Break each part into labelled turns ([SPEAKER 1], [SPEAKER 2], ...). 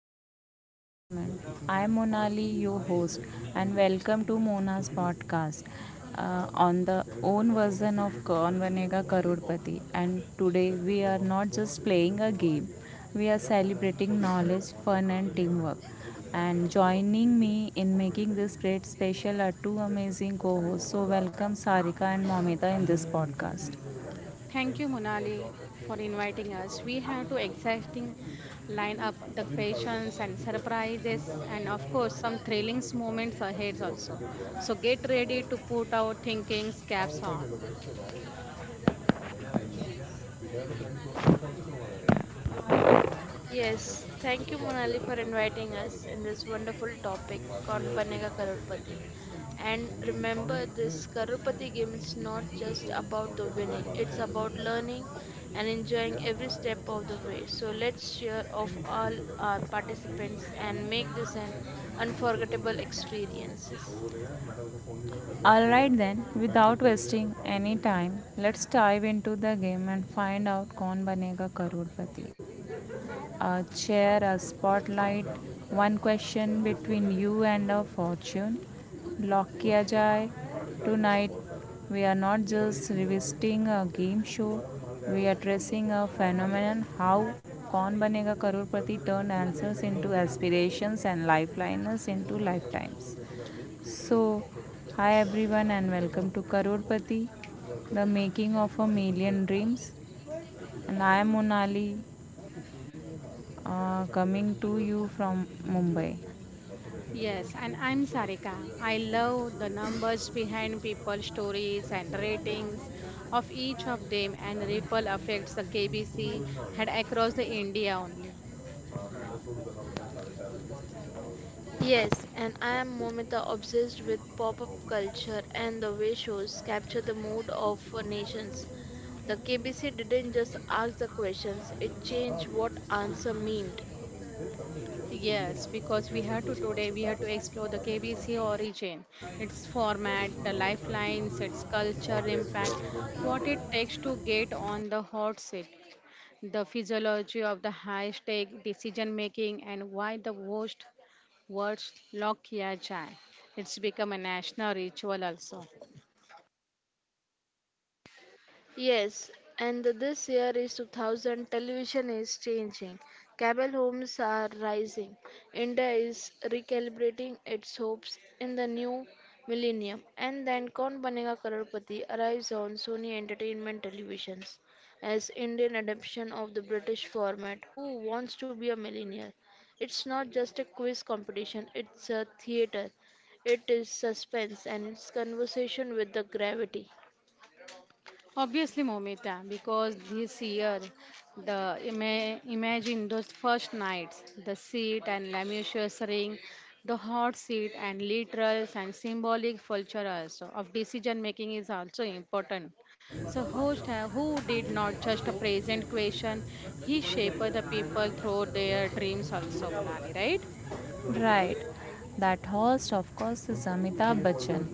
[SPEAKER 1] ladies and gentlemen. I am Monali, your host, and welcome to Mona's podcast on the own version of Kaun Banega Karorpati. And today we are not just playing a game, we are celebrating knowledge, fun, and teamwork. And joining me in making this great special are two amazing co hosts. So, welcome Sarika and Momita in this podcast.
[SPEAKER 2] Thank you, Monali, for inviting us. We have two exciting line up the questions and surprises, and of course, some thrilling moments ahead also. So get ready to put our thinking caps on.
[SPEAKER 3] Yes, thank you, Monali, for inviting us in this wonderful topic, Kaun Banega Karorpati. And remember, this Karorpati game is not just about the winning, it's about learning and enjoying every step of the way. So let's cheer of all our participants and make this an unforgettable experiences.
[SPEAKER 1] Alright then, without wasting any time, let's dive into the game and find out कौन बनेगा करोड़पति. Share a spotlight, one question between you and a fortune. Lock किया जाए. Tonight we are not just revisiting a game show, we are tracing a phenomenon how कौन बनेगा करोड़पति turned answers into aspirations and lifeliners into lifetimes. So, hi everyone, and welcome to Karodpati, the making of a million dreams. And I am Monali, coming to you from Mumbai.
[SPEAKER 2] Yes, and I'm Sarika. I love the numbers behind people's stories and ratings of each of them, and ripple affects the KBC head across the India only.
[SPEAKER 3] Yes, and I am Momita obsessed with pop up culture and the way shows capture the mood of nations. The KBC didn't just ask the questions, it changed what answer meant.
[SPEAKER 2] Yes, because we had to today we had to explore the KBC origin, its format, the lifelines, its culture impact, what it takes to get on the hot seat, the physiology of the high stake decision making, and why the worst words lock kiya jaye. It's become a national ritual also.
[SPEAKER 3] Yes, and this year is 2000, television is changing. Cable homes are rising. India is recalibrating its hopes in the new millennium. And then Kaun Banega Crorepati arrives on Sony Entertainment Televisions as Indian adaptation of the British format Who Wants to Be a Millionaire. It's not just a quiz competition, it's a theater. It is suspense and it's conversation with the gravity.
[SPEAKER 2] Obviously, Momita, because this year, the imagine those first nights, the seat and laminaceous ring, the hot seat and literal and symbolic culture also of decision making is also important. So host who did not just a present question, he shaped the people through their dreams also, Manali, right?
[SPEAKER 1] Right. That host, of course, is Amitabh Bachchan,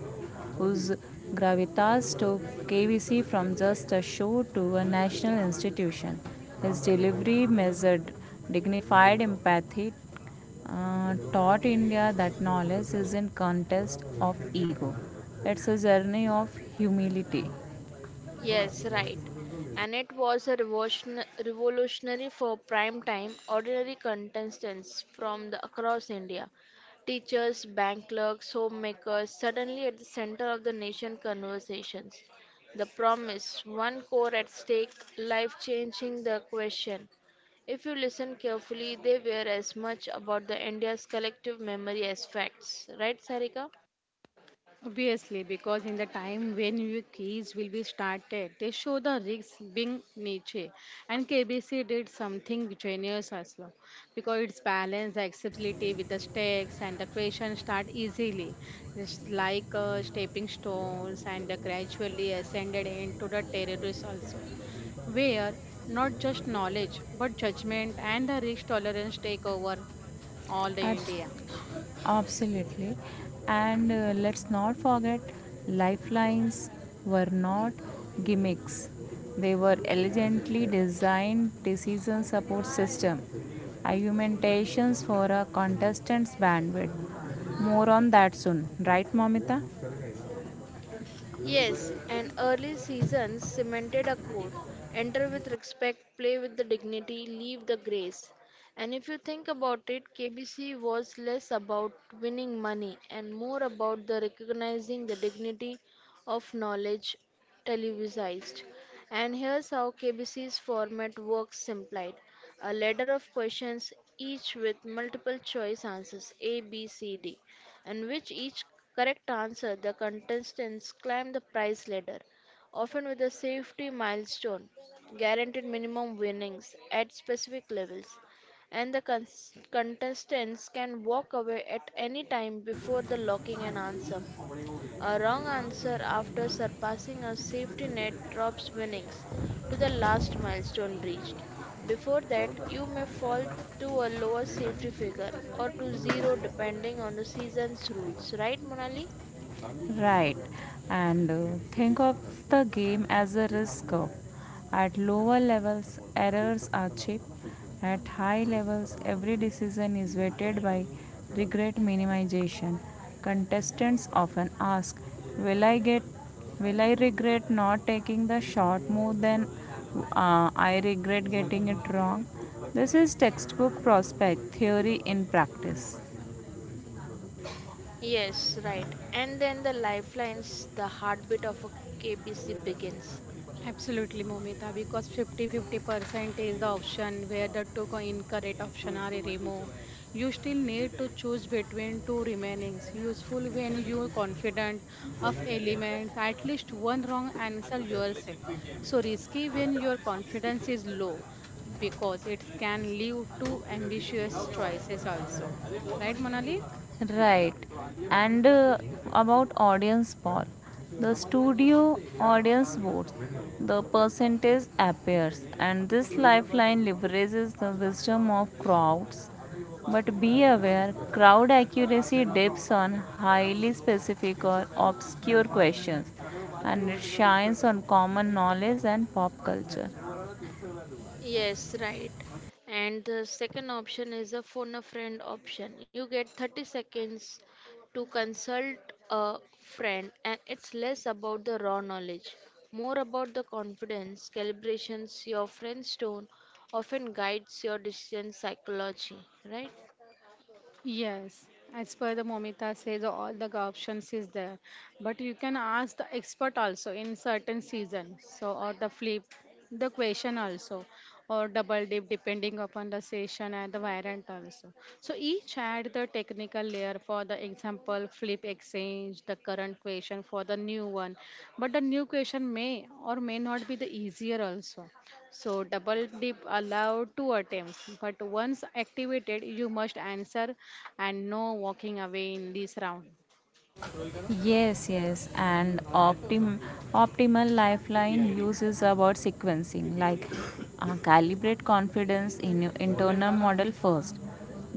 [SPEAKER 1] whose gravitas took KBC from just a show to a national institution. His delivery measured dignified empathy, taught India that knowledge isn't contest of ego. It's a journey of humility.
[SPEAKER 3] Yes, right. And it was a revolutionary for prime time ordinary contestants from the, across India. Teachers, bank clerks, homemakers, suddenly at the center of the nation conversations. The promise, one core at stake, life changing the question. If you listen carefully, they were as much about the India's collective memory as facts. Right, Sarika?
[SPEAKER 2] Obviously, because in the time when new keys will be started, they show the risks being niche. And KBC did something genius as well, because it's balanced the accessibility with the stakes and the question start easily, just like stepping stones and the gradually ascended into the terrorists also, where not just knowledge but judgment and the risk tolerance take over all the
[SPEAKER 1] Abs-
[SPEAKER 2] India.
[SPEAKER 1] absolutely. And let's not forget, lifelines were not gimmicks. They were elegantly designed decision support system, argumentations for a contestant's bandwidth. More on that soon, right, Mamita?
[SPEAKER 3] Yes, and early seasons cemented a code. Enter with respect, play with the dignity, leave the grace. And if you think about it, KBC was less about winning money and more about the recognizing the dignity of knowledge televisized. And here's how KBC's format works simplified. A ladder of questions, each with multiple choice answers A, B, C, D and which each correct answer, the contestants climb the prize ladder, often with a safety milestone, guaranteed minimum winnings at specific levels, and the contestants can walk away at any time before the locking an answer. A wrong answer after surpassing a safety net drops winnings to the last milestone reached. Before that, you may fall to a lower safety figure or to zero depending on the season's rules. Right, Monali?
[SPEAKER 1] Right, and think of the game as a risk curve. At lower levels, errors are cheap. At high levels, every decision is weighted by regret minimization. Contestants often ask, "Will I get? Will I regret not taking the short more than I regret getting it wrong." This is textbook prospect theory in practice.
[SPEAKER 3] Yes, right. And then the lifelines, the heartbeat of a KBC begins.
[SPEAKER 2] Absolutely, Momita, because 50-50% is the option where the two incorrect option are removed. You still need to choose between two remainings, useful when you are confident of elements, at least one wrong answer yourself. So risky when your confidence is low because it can lead to ambitious choices also. Right, Monali?
[SPEAKER 1] Right. And about audience poll, the studio audience votes, the percentage appears, and this lifeline leverages the wisdom of crowds. But be aware, crowd accuracy dips on highly specific or obscure questions, and it shines on common knowledge and pop culture.
[SPEAKER 3] Yes, right. And the second option is a phone a friend option. You get 30 seconds to consult a friend, and it's less about the raw knowledge, more about the confidence, calibrations, your friend's tone often guides your decision psychology, right?
[SPEAKER 2] Yes, as per the Momita says, all the options is there, but you can ask the expert also in certain season. So or the flip, the question also, or double dip depending upon the session and the variant also. So each add the technical layer for the example flip exchange the current question for the new one, but the new question may or may not be the easier also. So double dip allowed two attempts, but once activated, you must answer and no walking away in this round.
[SPEAKER 1] Yes, yes, and optimal lifeline uses about sequencing, like calibrate confidence in your internal model first,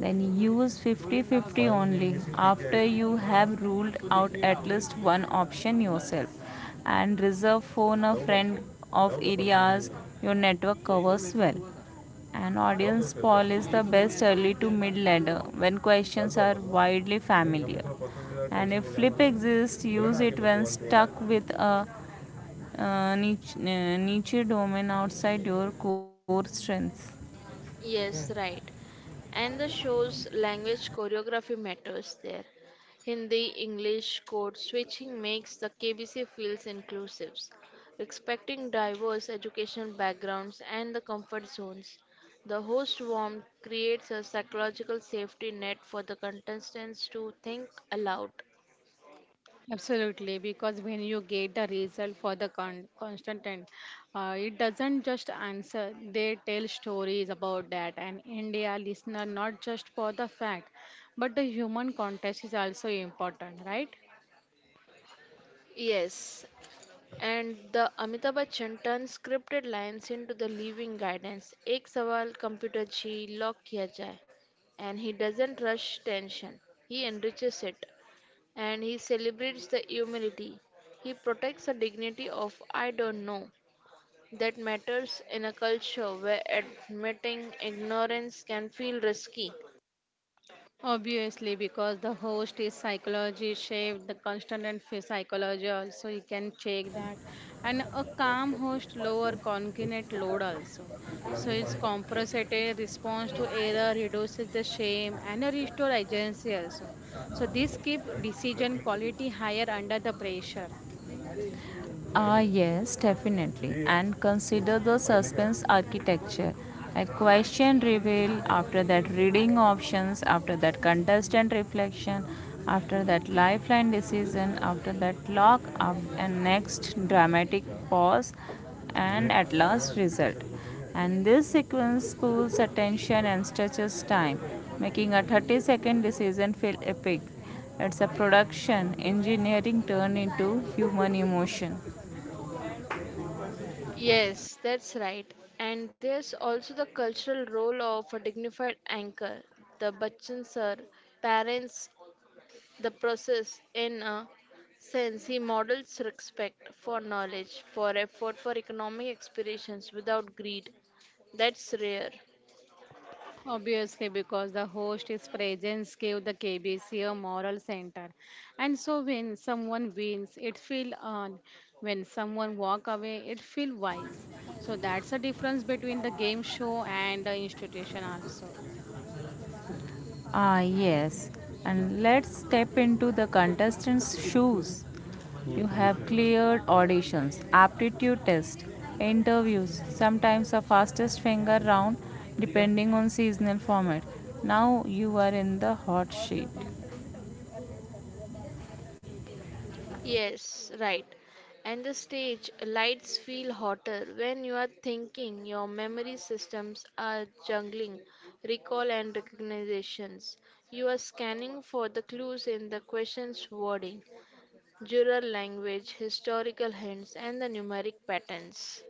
[SPEAKER 1] then use 50-50 only after you have ruled out at least one option yourself, and reserve phone a friend of areas your network covers well. An audience poll is the best early to mid ladder when questions are widely familiar. And if flip exists, use it when stuck with a niche domain outside your core strengths.
[SPEAKER 3] Yes, right. And the show's language choreography matters there. Hindi, English, code switching makes the KBC feels inclusive, respecting diverse educational backgrounds and the comfort zones. The host warmth creates a psychological safety net for the contestants to think aloud.
[SPEAKER 2] Absolutely, because when you get the result for the constant, it doesn't just answer, they tell stories about that. And India listener, not just for the fact, but the human context is also important, right?
[SPEAKER 3] Yes, and the Amitabh Bachchan turns scripted lines into the living guidance. एक सवाल computer जी lock किया जाए and he doesn't rush tension. He enriches it and he celebrates the humility. He protects the dignity of I don't know. That matters in a culture where admitting ignorance can feel risky.
[SPEAKER 2] Obviously, because the host is psychology shaped, the constant and psychology also you can check that, and a calm host lower cognitive load also. So it's compensated response to error, reduces the shame, and a restore agency also. So this keep decision quality higher under the pressure.
[SPEAKER 1] Ah, yes, definitely. And consider the suspense architecture. A question reveal, after that, reading options, after that, contestant reflection, after that, lifeline decision, after that, lock up, and next, dramatic pause, and at last, result. And this sequence pulls attention and stretches time, making a 30-second decision feel epic. It's a production engineering turned into human emotion.
[SPEAKER 3] Yes, that's right. And there's also the cultural role of a dignified anchor, the Bachchan sir, parents, the process in a sense he models respect for knowledge, for effort, for economic aspirations without greed. That's rare.
[SPEAKER 2] Obviously, because the host is presence gave the KBC a moral center. And so when someone wins, it feel earned. When someone walk away, it feel wise. So that's the difference between the game show and the institution also.
[SPEAKER 1] Ah, yes. And let's step into the contestants' shoes. You have cleared auditions, aptitude tests, interviews, sometimes a fastest finger round depending on seasonal format. Now you are in the hot sheet.
[SPEAKER 3] Yes, right. And the stage lights feel hotter when you are thinking your memory systems are juggling recall and recognitions. You are scanning for the clues in the question's wording, jural language, historical hints, and the numeric patterns.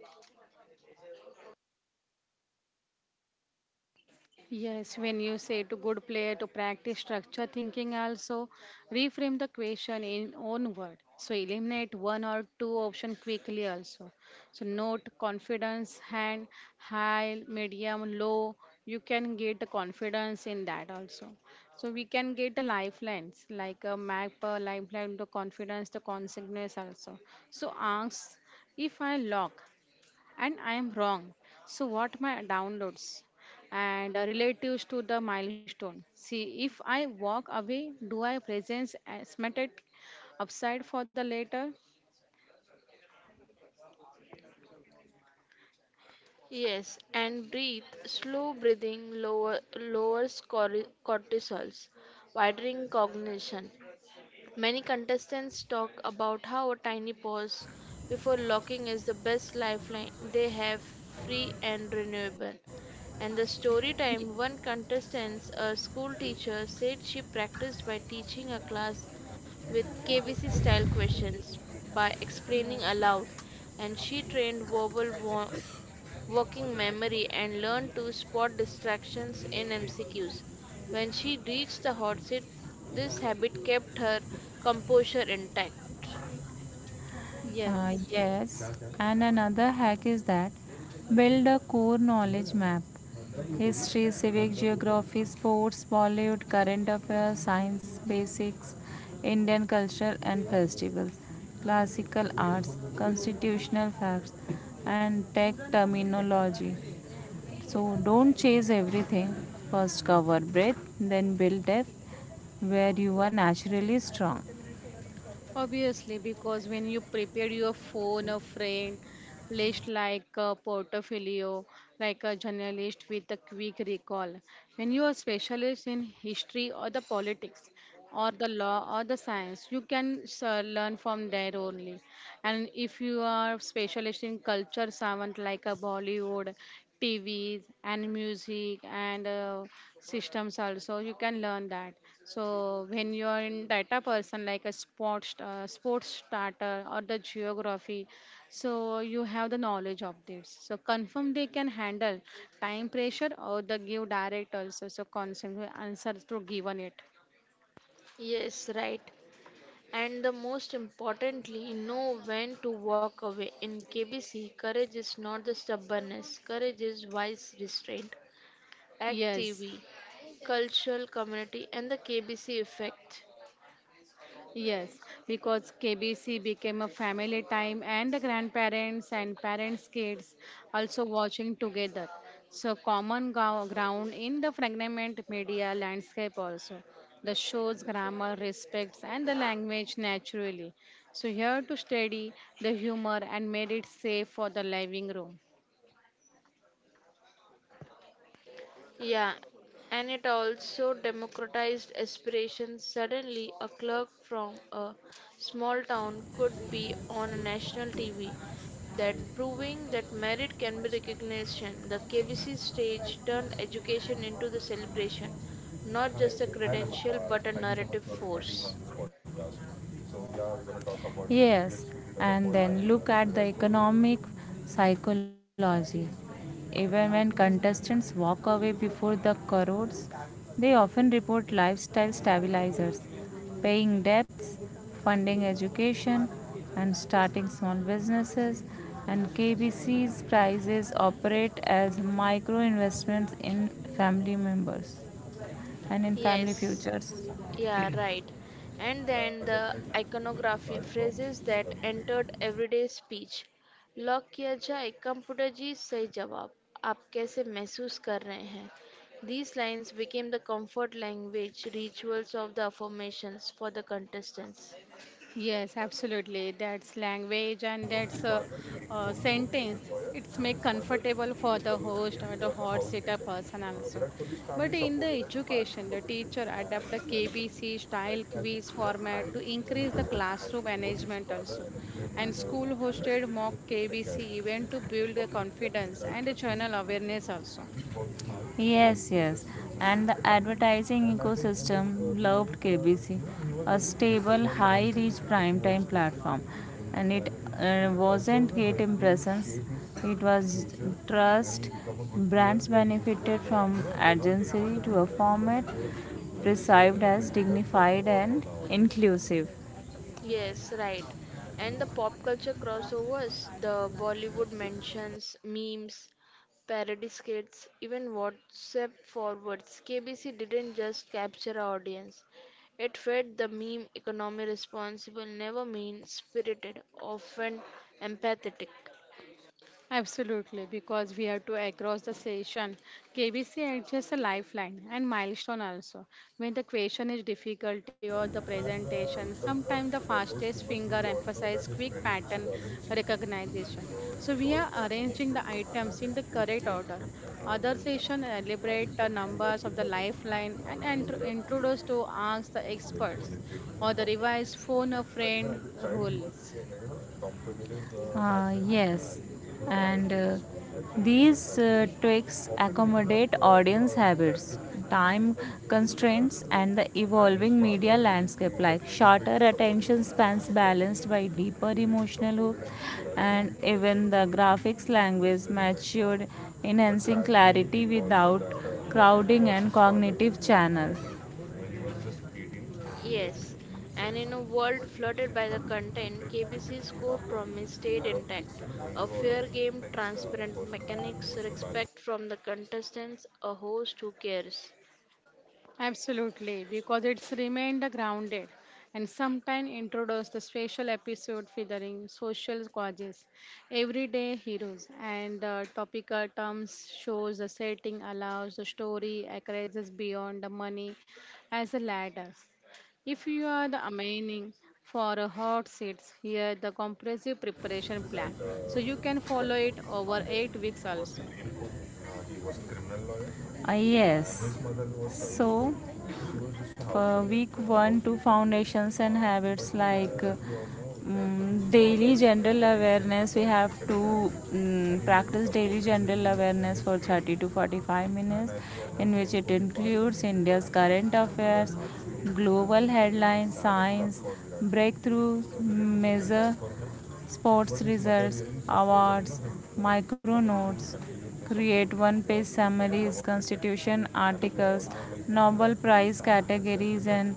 [SPEAKER 2] Yes, when you say to good player to practice structure thinking also, reframe the question in own word. So eliminate one or two option quickly also. So note confidence, hand, high, medium, low. You can get the confidence in that also. So we can get the lifelines like a map, a lifeline to confidence, the consequence also. So ask if I lock, and I am wrong. So what my downloads and relatives to the milestone. See, if I walk away, do I presence estimated upside for the later?
[SPEAKER 3] Yes, and breathe. Slow breathing lower, lowers cortisols, widening cognition. Many contestants talk about how a tiny pause before locking is the best lifeline they have, free and renewable. And the story time one contestant, a school teacher, said she practiced by teaching a class with KBC style questions by
[SPEAKER 2] Yes.
[SPEAKER 3] explaining aloud, and she trained working memory and learned to spot distractions in MCQs. When she reached the hot seat, this habit kept her composure intact.
[SPEAKER 2] Yes,
[SPEAKER 1] Yes, and another hack is that build a core knowledge map history, civic geography, sports, Bollywood, current affairs, science, basics, Indian culture and festivals, classical arts, constitutional facts, and tech terminology. So don't chase everything. First cover breadth, then build depth where you are naturally strong.
[SPEAKER 2] obviously, because when you prepare your phone, a friend list like a portfolio, like a journalist with a quick recall. When you are specialist in history or the politics or the law or the science, you can learn from there only. And if you are specialist in culture, someone like a Bollywood, TVs and music and systems also you can learn that so when you are in data person like a sports sports starter or the geography so you have the knowledge of this so confirm they can handle time pressure or the give direct also so constantly answer to given it
[SPEAKER 3] Yes, right. And the most importantly, know when to walk away. In KBC, courage is not the stubbornness, courage is wise restraint. Act
[SPEAKER 2] yes.
[SPEAKER 3] TV, cultural community, and the KBC effect.
[SPEAKER 2] Yes, because KBC became a family time and the grandparents and parents' kids also watching together. So, common ground in the fragment media landscape also. The show's grammar respects and the language naturally. So, here to study the humor and made it safe for the living room.
[SPEAKER 3] Yeah, and it also democratized aspiration. Suddenly, a clerk from a small town could be on a national TV, that proving that merit can be recognition. The KBC stage turned education into the celebration, not just a credential but a narrative force.
[SPEAKER 1] Yes, and then look at the economic psychology. Even when contestants walk away before the crores, they often report lifestyle stabilizers, paying debts, funding education, and starting small businesses. And KBC's prizes operate as micro investments in family members and in family
[SPEAKER 3] Yes.
[SPEAKER 1] futures.
[SPEAKER 3] Yeah, right. And then the iconography phrases that entered everyday speech. Lock किया जाए computer जी सही जवाब आप कैसे महसूस कर रहे हैं These lines became the comfort language rituals of the affirmations for the contestants.
[SPEAKER 2] Yes, absolutely. That's language and that's a sentence. It's make comfortable for the host or the hot sitter person also. But in the education, the teacher adapt the KBC style quiz format to increase the classroom engagement also. And school hosted mock KBC event to build the confidence and the general awareness also.
[SPEAKER 1] Yes, yes. And the advertising ecosystem loved KBC, a stable, high reach primetime platform. And it wasn't great impressions, it was trust. Brands benefited from agency to a format perceived as dignified and inclusive.
[SPEAKER 3] Yes, right. And the pop culture crossovers, the Bollywood mentions, memes, parody skits, even WhatsApp forwards. KBC didn't just capture our audience. It fed the meme economy responsible, never mean spirited, often empathetic.
[SPEAKER 2] Absolutely, because we have to across the session. KBC is just a lifeline and milestone also. When the question is difficulty or the presentation, sometimes the fastest finger emphasizes quick pattern recognition. So we are arranging the items in the correct order. Other session elaborate the numbers of the lifeline and introduce to ask the experts or the revised phone a friend rules.
[SPEAKER 1] Yes, and these tricks accommodate audience habits, time constraints, and the evolving media landscape like shorter attention spans balanced by deeper emotional hook, and even the graphics language matured, enhancing clarity without crowding and cognitive channel.
[SPEAKER 3] Yes, and in a world flooded by the content, KBC's core promise stayed intact. A fair game, transparent mechanics, respect from the contestants, a host who cares.
[SPEAKER 2] Absolutely, because it's remained grounded and sometimes introduce the special episode featuring social causes, everyday heroes, and topical terms shows the setting allows the story accesses beyond the money as a ladder. If you are the aiming for a hot seats, here the comprehensive preparation plan. So you can follow it over 8 weeks also.
[SPEAKER 1] Yes, so. For week one to foundations and habits like daily general awareness we have to practice daily general awareness for 30 to 45 minutes in which it includes India's current affairs global headlines science breakthroughs measure sports results, awards, micro notes, create one page summaries, constitution articles, Nobel Prize categories, and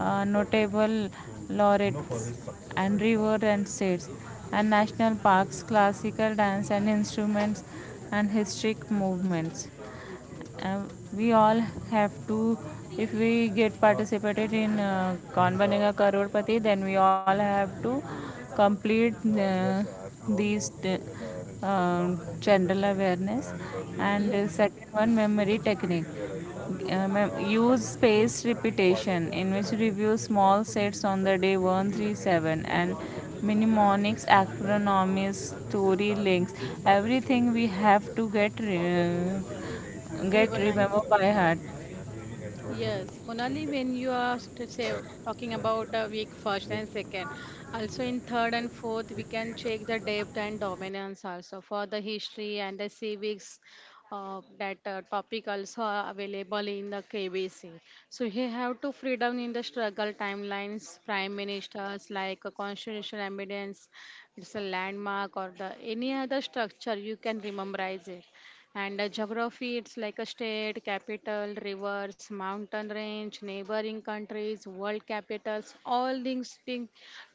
[SPEAKER 1] notable laureates, and reward and states, and national parks, classical dance and instruments, and historic movements. Uh, we all have to, if we get participated in Kaun Banega Crorepati, then we all have to complete uh, these uh, general awareness, and
[SPEAKER 2] Yes,
[SPEAKER 1] second one, memory technique. Use spaced repetition in which review small sets on the day 137 and mnemonics acronyms story links everything we have to
[SPEAKER 2] very
[SPEAKER 1] get remember
[SPEAKER 2] nice.
[SPEAKER 1] by heart.
[SPEAKER 2] Yes, Monali, when you are talking about week first and second, also in third and fourth, we can check the depth and dominance also for the history and the civics. That topic also are available in the KBC. So he have to freedom in the struggle timelines, prime ministers like a constitutional amendments, it's a landmark or the any other structure you can rememberize it. And geography, it's like a state, capital, rivers, mountain range, neighboring countries, world capitals, all these thing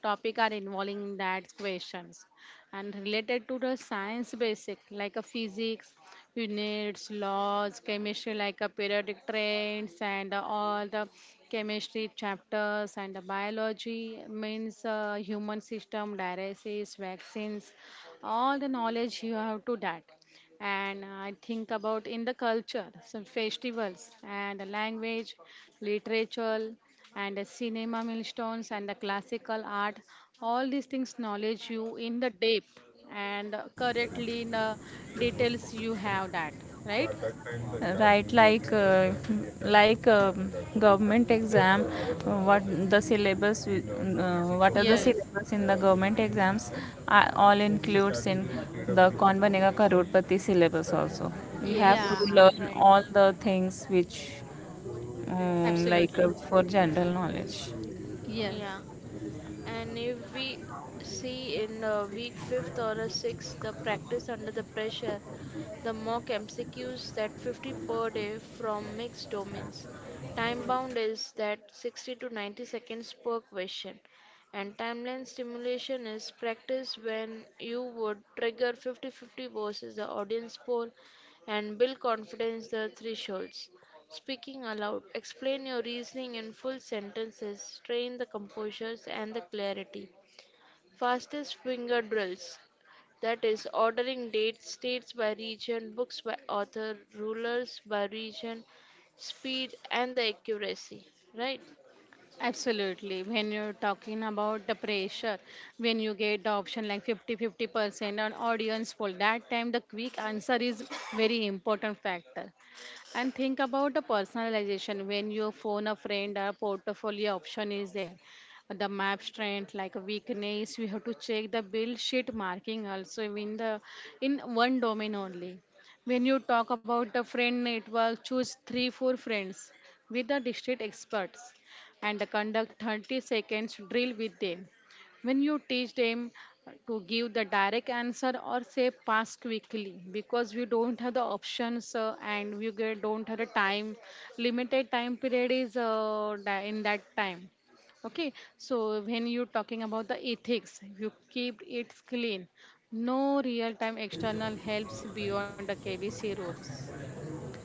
[SPEAKER 2] topic are involving in that questions. And related to the science basic, like a physics, units, laws, chemistry, like a periodic trends, and all the chemistry chapters and the biology means human system, dialysis, vaccines, all the knowledge you have to that and I think about in the culture, some festivals and the language, literature and the cinema milestones and the classical art. All these things knowledge you in the depth and correctly in the details you have that, right?
[SPEAKER 1] Right, like government exam, uh, what what are the
[SPEAKER 2] Yes.
[SPEAKER 1] syllabus in the government exams are all includes in the konbanega karorpati syllabus also. We have to
[SPEAKER 2] Yeah,
[SPEAKER 3] Yes,
[SPEAKER 1] learn
[SPEAKER 3] right.
[SPEAKER 1] all the things which,
[SPEAKER 2] absolutely.
[SPEAKER 1] for general knowledge.
[SPEAKER 2] Yes.
[SPEAKER 3] Yeah. And if we see in a week fifth or a sixth, the practice under the pressure, the mock MCQs that 50 per day from mixed domains. Time bound is that 60 to 90 seconds per question. And timeline stimulation is practice when you would trigger 50 50 versus the audience poll and build confidence the thresholds. Speaking aloud, explain your reasoning in full sentences, train the composure and the clarity. Fastest finger drills, that is, ordering dates, states by region, books by author, rulers by region, speed and the accuracy, right?
[SPEAKER 2] Absolutely. When you're talking about the pressure, when you get the option like 50-50% on audience poll, that time the quick answer is very important factor. And think about the personalization when you phone a friend or portfolio option is there. The map strength, like weakness, we have to check the build sheet marking also in one domain only. When you talk about the friend network, choose three, four friends with the district experts and conduct 30 seconds drill with them. When you teach them to give the direct answer or say pass quickly because we don't have the options and we don't have the time limited time period is in that time. Okay, so when you're talking about the ethics you keep it clean. No real time external helps beyond the KBC rules,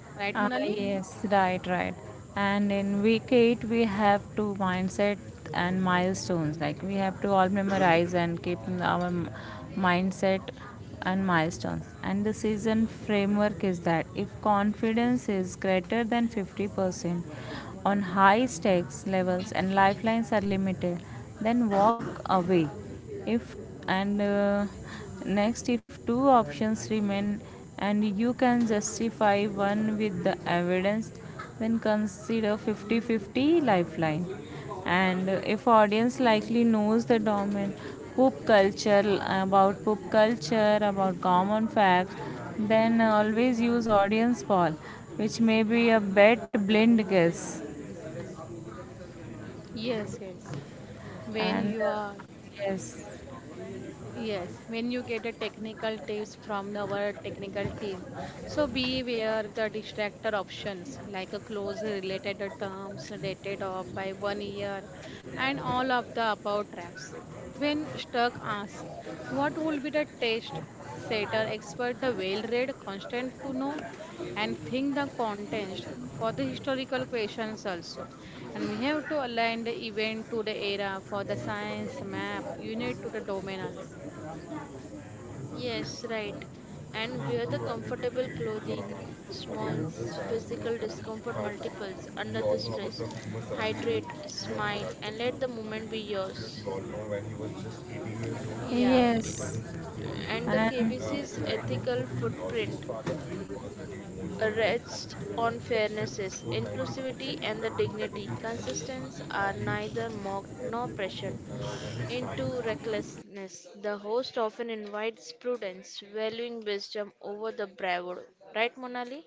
[SPEAKER 2] right,
[SPEAKER 1] Ah,
[SPEAKER 2] Monali?
[SPEAKER 1] yes, right, right. And in week eight, we have to mindset and milestones. Like we have to all memorize and keep our mindset and milestones. And the season framework is that if confidence is greater than 50% on high stakes levels and lifelines are limited, then walk away. If and Next, if two options remain and you can justify one with the evidence, then consider 50-50 lifeline. And if audience likely knows the domain, poop culture, about common facts, then always use audience poll, which may be a bet blind guess.
[SPEAKER 2] Yes, yes, when
[SPEAKER 1] And
[SPEAKER 2] you
[SPEAKER 1] uh,
[SPEAKER 2] are.
[SPEAKER 1] yes,
[SPEAKER 2] Yes, when you get the technical tips from our technical team, so beware the distractor options like a close related terms dated off by 1 year and all of the above traps. When stuck, ask what will be the test setter expert the well read constant to know and think the context for the historical questions also and we have to align the event to the era for the science map unit to the domain also.
[SPEAKER 3] Yes, right. And wear the comfortable clothing, physical discomfort multiples under the stress. Hydrate, smile, and let the moment be yours.
[SPEAKER 2] Yeah,
[SPEAKER 1] yes,
[SPEAKER 3] And the
[SPEAKER 1] and
[SPEAKER 3] KBC's ethical footprint rests on fairnesses, inclusivity, and the dignity. Consistence are neither mocked nor pressured into recklessness. The host often invites prudence, valuing wisdom over the bravado. Right, Monali?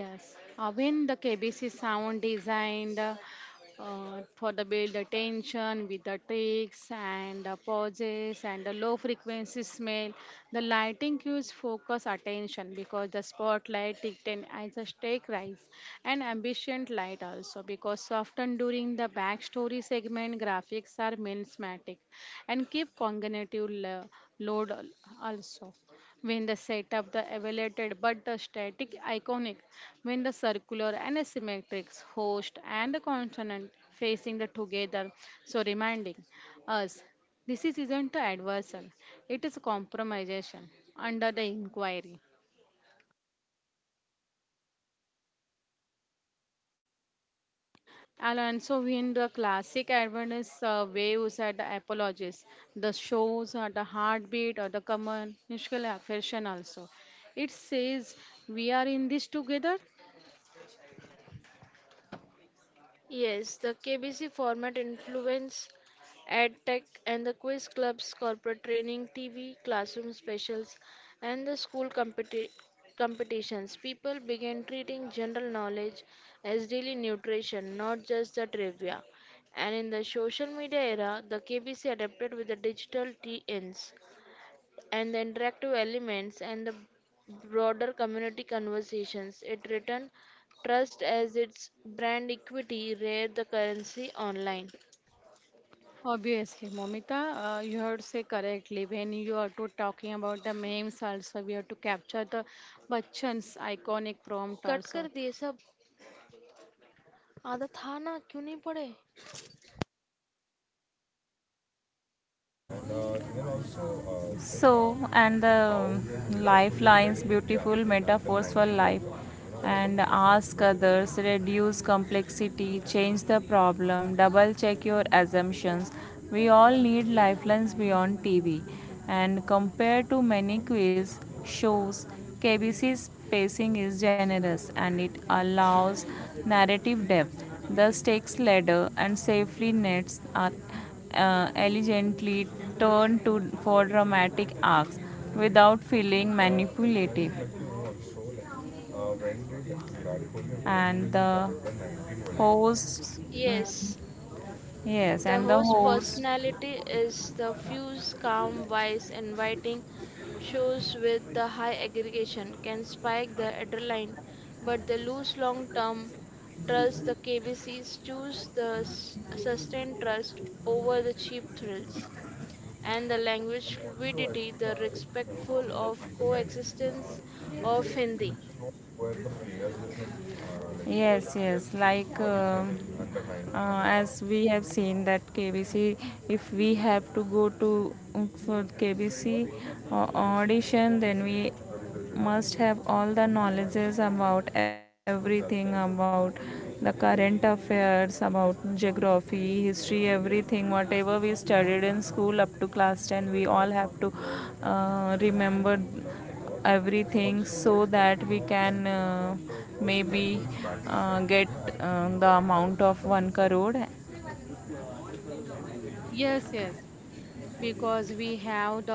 [SPEAKER 2] yes. When the KBC sound designed for the build the tension with the tricks and the pauses and the low frequency smell, the lighting cues focus attention because the spotlight ticked as a stake rise and ambient light also because often during the backstory segment graphics are melismatic and keep cognitive load also. When the setup, the elevated but the static iconic, when the circular and asymmetric host and the consonant facing the together, so reminding us this is isn't the adversal, it is a compromisation under the inquiry. Alonso in the classic Adventist waves at the apologies, the shows or the heartbeat or the commercial affection also. It says we are in this together.
[SPEAKER 3] Yes, the KBC format influenced EdTech and the quiz clubs, corporate training, TV, classroom specials, and the competitions. People began treating general knowledge as daily nutrition, not just the trivia. And in the social media era, the KBC adapted with the digital TNs and the interactive elements and the broader community conversations. It returned trust as its brand equity, rare the currency online.
[SPEAKER 2] Obviously, Momita, you heard say correctly. When you are to talking about the memes, also we have to capture the Bachchan's iconic prompt
[SPEAKER 3] cut कर
[SPEAKER 2] also.
[SPEAKER 3] दिए सब आदत था ना क्यों नहीं पढ़े
[SPEAKER 1] so, and the lifelines, beautiful metaphors for life, and ask others, reduce complexity, change the problem, double check your assumptions. We all need lifelines beyond TV, and compared to many quiz shows, KBC's pacing is generous and it allows narrative depth. The stakes ladder and safely nets are elegantly turned to for dramatic arcs without feeling manipulative and the host. mm,
[SPEAKER 3] Yes,
[SPEAKER 1] yes,
[SPEAKER 3] the
[SPEAKER 1] and the
[SPEAKER 3] host's
[SPEAKER 1] host.
[SPEAKER 3] personality is the fuse, calm, wise, inviting. Shows with the high aggregation can spike the adrenaline, but the loose long term trust the KBCs choose the sustained trust over the cheap thrills. And the language fluidity, the respectful of coexistence of Hindi.
[SPEAKER 1] Yes, yes. Like as we have seen that KBC, if we have to go to for KBC audition, then we must have all the knowledges about everything, about the current affairs, about geography, history, everything whatever we studied in school up to class 10. We all have to remember everything so that we can maybe get the amount of 1 crore.
[SPEAKER 2] Yes, yes, because we have the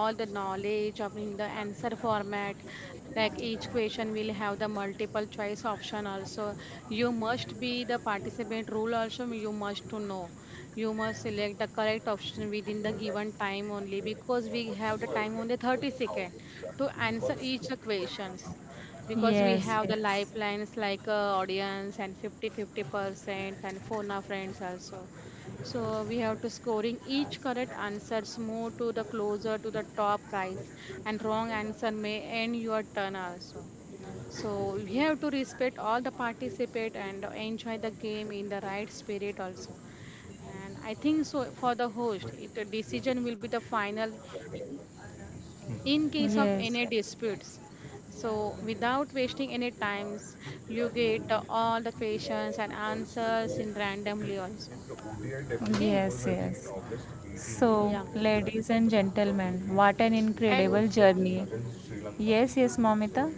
[SPEAKER 2] all the knowledge of in the answer format like each question will have the multiple choice option also, you must be the participant rule also, you must to know, you must select the correct option within the given time only because we have the time only 30 second to answer each the questions because we
[SPEAKER 1] Yes,
[SPEAKER 2] have the
[SPEAKER 1] yes,
[SPEAKER 2] lifelines like audience and 50 50 percent and phone a friends also so we have to scoring each correct answers more to the closer to the top prize and wrong answer may end your turn also. So we have to respect all the participate and enjoy the game in the right spirit also. And I think so for the host, it, the decision will be the final in, in case of
[SPEAKER 1] yes,
[SPEAKER 2] any
[SPEAKER 1] yes.
[SPEAKER 2] disputes. So without wasting any times, you get all the questions and answers in randomly also. Okay.
[SPEAKER 1] Yes, yes.
[SPEAKER 2] Yeah.
[SPEAKER 1] So, ladies and gentlemen, what an
[SPEAKER 3] And
[SPEAKER 1] incredible journey. Yes, yes, Momita.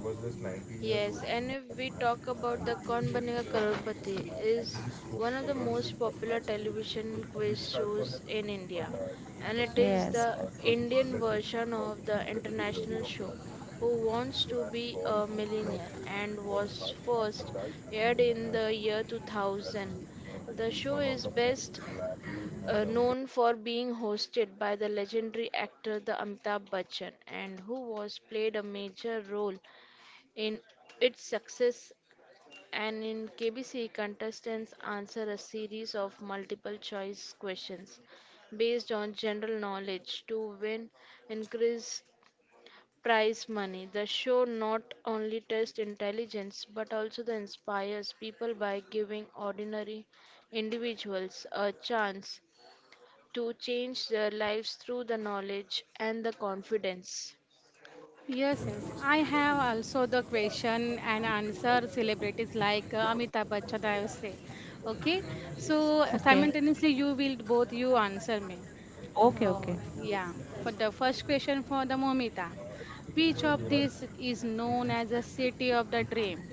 [SPEAKER 3] yes, and if we talk about the Kaun Banega Crorepati is one of the most popular television quiz shows in India, and it is
[SPEAKER 1] Yes.
[SPEAKER 3] the Indian version of the international show Who Wants to Be a Millionaire and was first aired in the year 2000. The show is best known for being hosted by the legendary actor the Amitabh Bachchan and who was played a major role in its success and in KBC, contestants answer a series of multiple choice questions based on general knowledge to win increased prize money. The show not only tests intelligence but also the inspires people by giving ordinary individuals a chance to change their lives through the knowledge and the confidence.
[SPEAKER 2] Yes, yes. I have also the question and answer celebrities like Amitabh Bachchan, I will say. Okay. So
[SPEAKER 1] Okay.
[SPEAKER 2] simultaneously, you will both you answer me.
[SPEAKER 1] Okay,
[SPEAKER 2] Oh,
[SPEAKER 1] okay.
[SPEAKER 2] yeah. For the first question for the Momita, which of these is known as the city of the dream?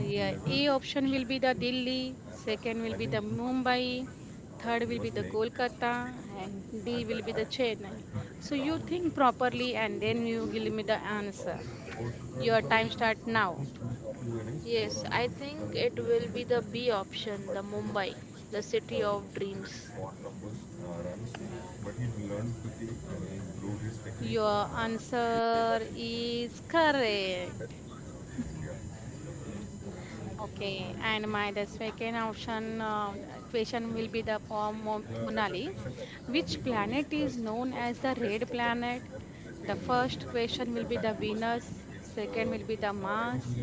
[SPEAKER 2] Yeah, A option will be the Delhi, second will be the Mumbai, third will be the Kolkata, and D will be the Chennai. So you think properly and then you give me the answer. Your time start now.
[SPEAKER 3] Yes, I think it will be the B option, the Mumbai, the city of dreams.
[SPEAKER 2] Your answer is correct. Okay, and my the second option question will be the form Monali. Which planet is known as the red planet? The first question will be the Venus, second will be the Mars,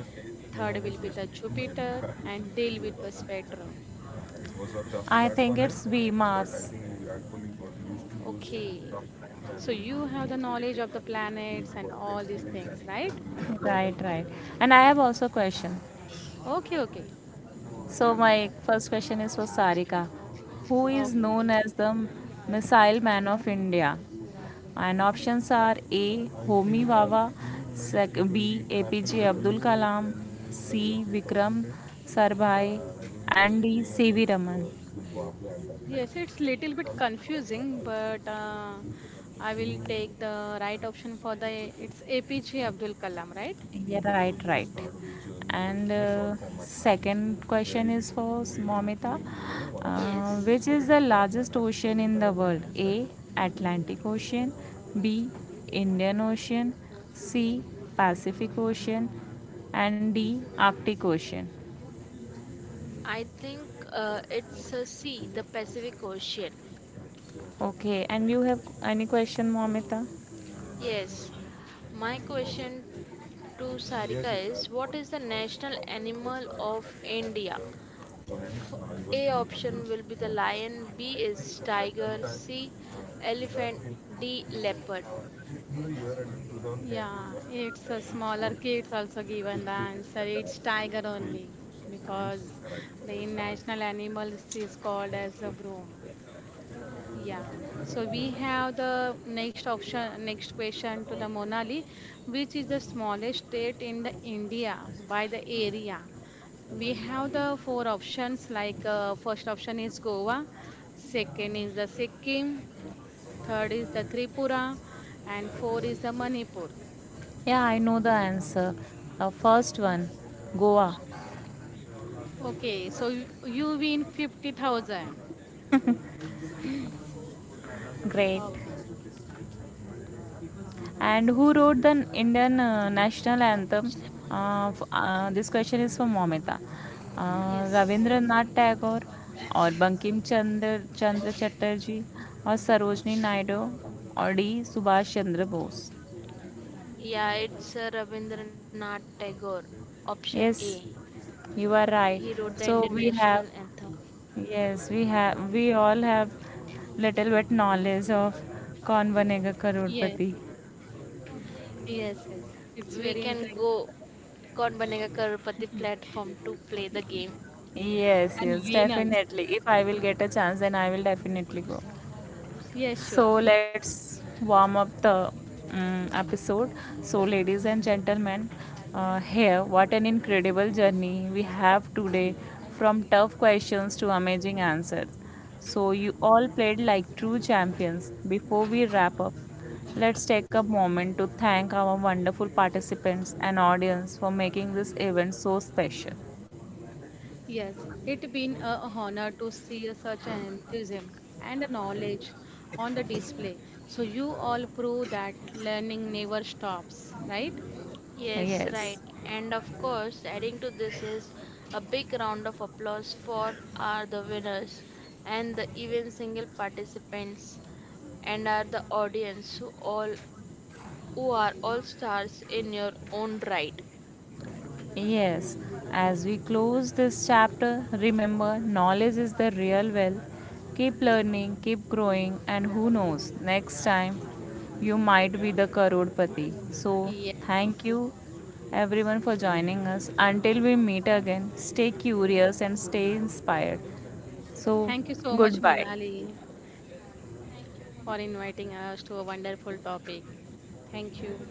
[SPEAKER 2] third will be the Jupiter, and deal with the spectrum.
[SPEAKER 1] Think M A S, but I VMAS.
[SPEAKER 2] Okay, so you have the knowledge of the planets and all these things, right?
[SPEAKER 1] Right, right. And I have also a question.
[SPEAKER 2] Okay, okay.
[SPEAKER 1] So
[SPEAKER 2] Ah,
[SPEAKER 1] my first question is for Sarika. Who is
[SPEAKER 2] okay.
[SPEAKER 1] known as the Missile Man of India? And options are A. Homi Vawa, B. APJ Abdul Kalam, C. Vikram Sarabhai, and D. C. V. Raman.
[SPEAKER 2] Yes, it's little bit confusing, but I will take the right option for the it's APJ Abdul Kalam, right?
[SPEAKER 1] Yeah, right, right. And
[SPEAKER 2] Okay.
[SPEAKER 1] second question is for Momita,
[SPEAKER 3] Yes.
[SPEAKER 1] which is the largest ocean in the world? A. Atlantic Ocean, B. Indian Ocean, C. Pacific Ocean, and D. Arctic Ocean.
[SPEAKER 3] I think it's a C, the Pacific Ocean.
[SPEAKER 1] Okay, and you have any question, Momita?
[SPEAKER 3] Yes, my question to Sarika is what is the national animal of India? F- A option will be the lion, B is tiger, C elephant, D leopard.
[SPEAKER 2] Yeah, it's a smaller kids also given the answer. It's tiger only because the national animal is called as a broom. Yeah, so we have the next option, next question to the Monali, which is the smallest state in the India by the area. We have the four options like first option is Goa, second is the Sikkim, third is the Tripura, and four is the Manipur.
[SPEAKER 1] Yeah, I know the answer. First one, Goa.
[SPEAKER 2] Okay, so you win 50,000.
[SPEAKER 1] Great.
[SPEAKER 2] Okay.
[SPEAKER 1] And who wrote the Indian national anthem?
[SPEAKER 3] पूछ
[SPEAKER 1] This question is for Momita.
[SPEAKER 3] बोला। Yes.
[SPEAKER 1] Ravindranath Tagore or Bankim Chandra Chatterjee or Sarojini Naidu or D. Subhash Chandra Bose.
[SPEAKER 3] Yeah, it's Rabindranath Tagore, option A.
[SPEAKER 1] Yes, you are
[SPEAKER 3] He
[SPEAKER 1] right.
[SPEAKER 3] wrote the Indian
[SPEAKER 1] So we
[SPEAKER 3] national
[SPEAKER 1] have
[SPEAKER 3] anthem.
[SPEAKER 1] Yes, we have. We all have little bit knowledge of कौन बनेगा
[SPEAKER 2] Yes,
[SPEAKER 1] Crorepati.
[SPEAKER 2] yes, yes. It's very
[SPEAKER 3] We
[SPEAKER 2] encouraging
[SPEAKER 3] can go Kaun Banega Crorepati platform to play the game.
[SPEAKER 1] Yes,
[SPEAKER 2] and
[SPEAKER 1] yes,
[SPEAKER 2] win also.
[SPEAKER 1] definitely. If I will get a chance, then I will definitely go.
[SPEAKER 2] Yes,
[SPEAKER 1] So
[SPEAKER 2] sure.
[SPEAKER 1] let's warm up the episode. So, ladies and gentlemen, here, what an incredible journey we have today from tough questions to amazing answers. So, you all played like true champions. Before we wrap up, let's take a moment to thank our wonderful participants and audience for making this event so special.
[SPEAKER 2] Yes, it been a honor to see such an enthusiasm and a knowledge on the display. So you all prove that learning never stops, right?
[SPEAKER 3] Yes,
[SPEAKER 1] Yes.
[SPEAKER 3] right. And of course, adding to this is a big round of applause for are the winners and the even single participants and are the audience who all who are all stars in your own right.
[SPEAKER 1] Yes, as we close this chapter, remember knowledge is the real wealth. Keep learning, keep growing, and who knows, next time you might be the Karodpati. So,
[SPEAKER 2] Yes.
[SPEAKER 1] thank you everyone for joining us. Until we meet again, stay curious and stay inspired. So,
[SPEAKER 2] Thank you so much,
[SPEAKER 1] goodbye.
[SPEAKER 2] Monali, for inviting us to a wonderful topic. Thank you.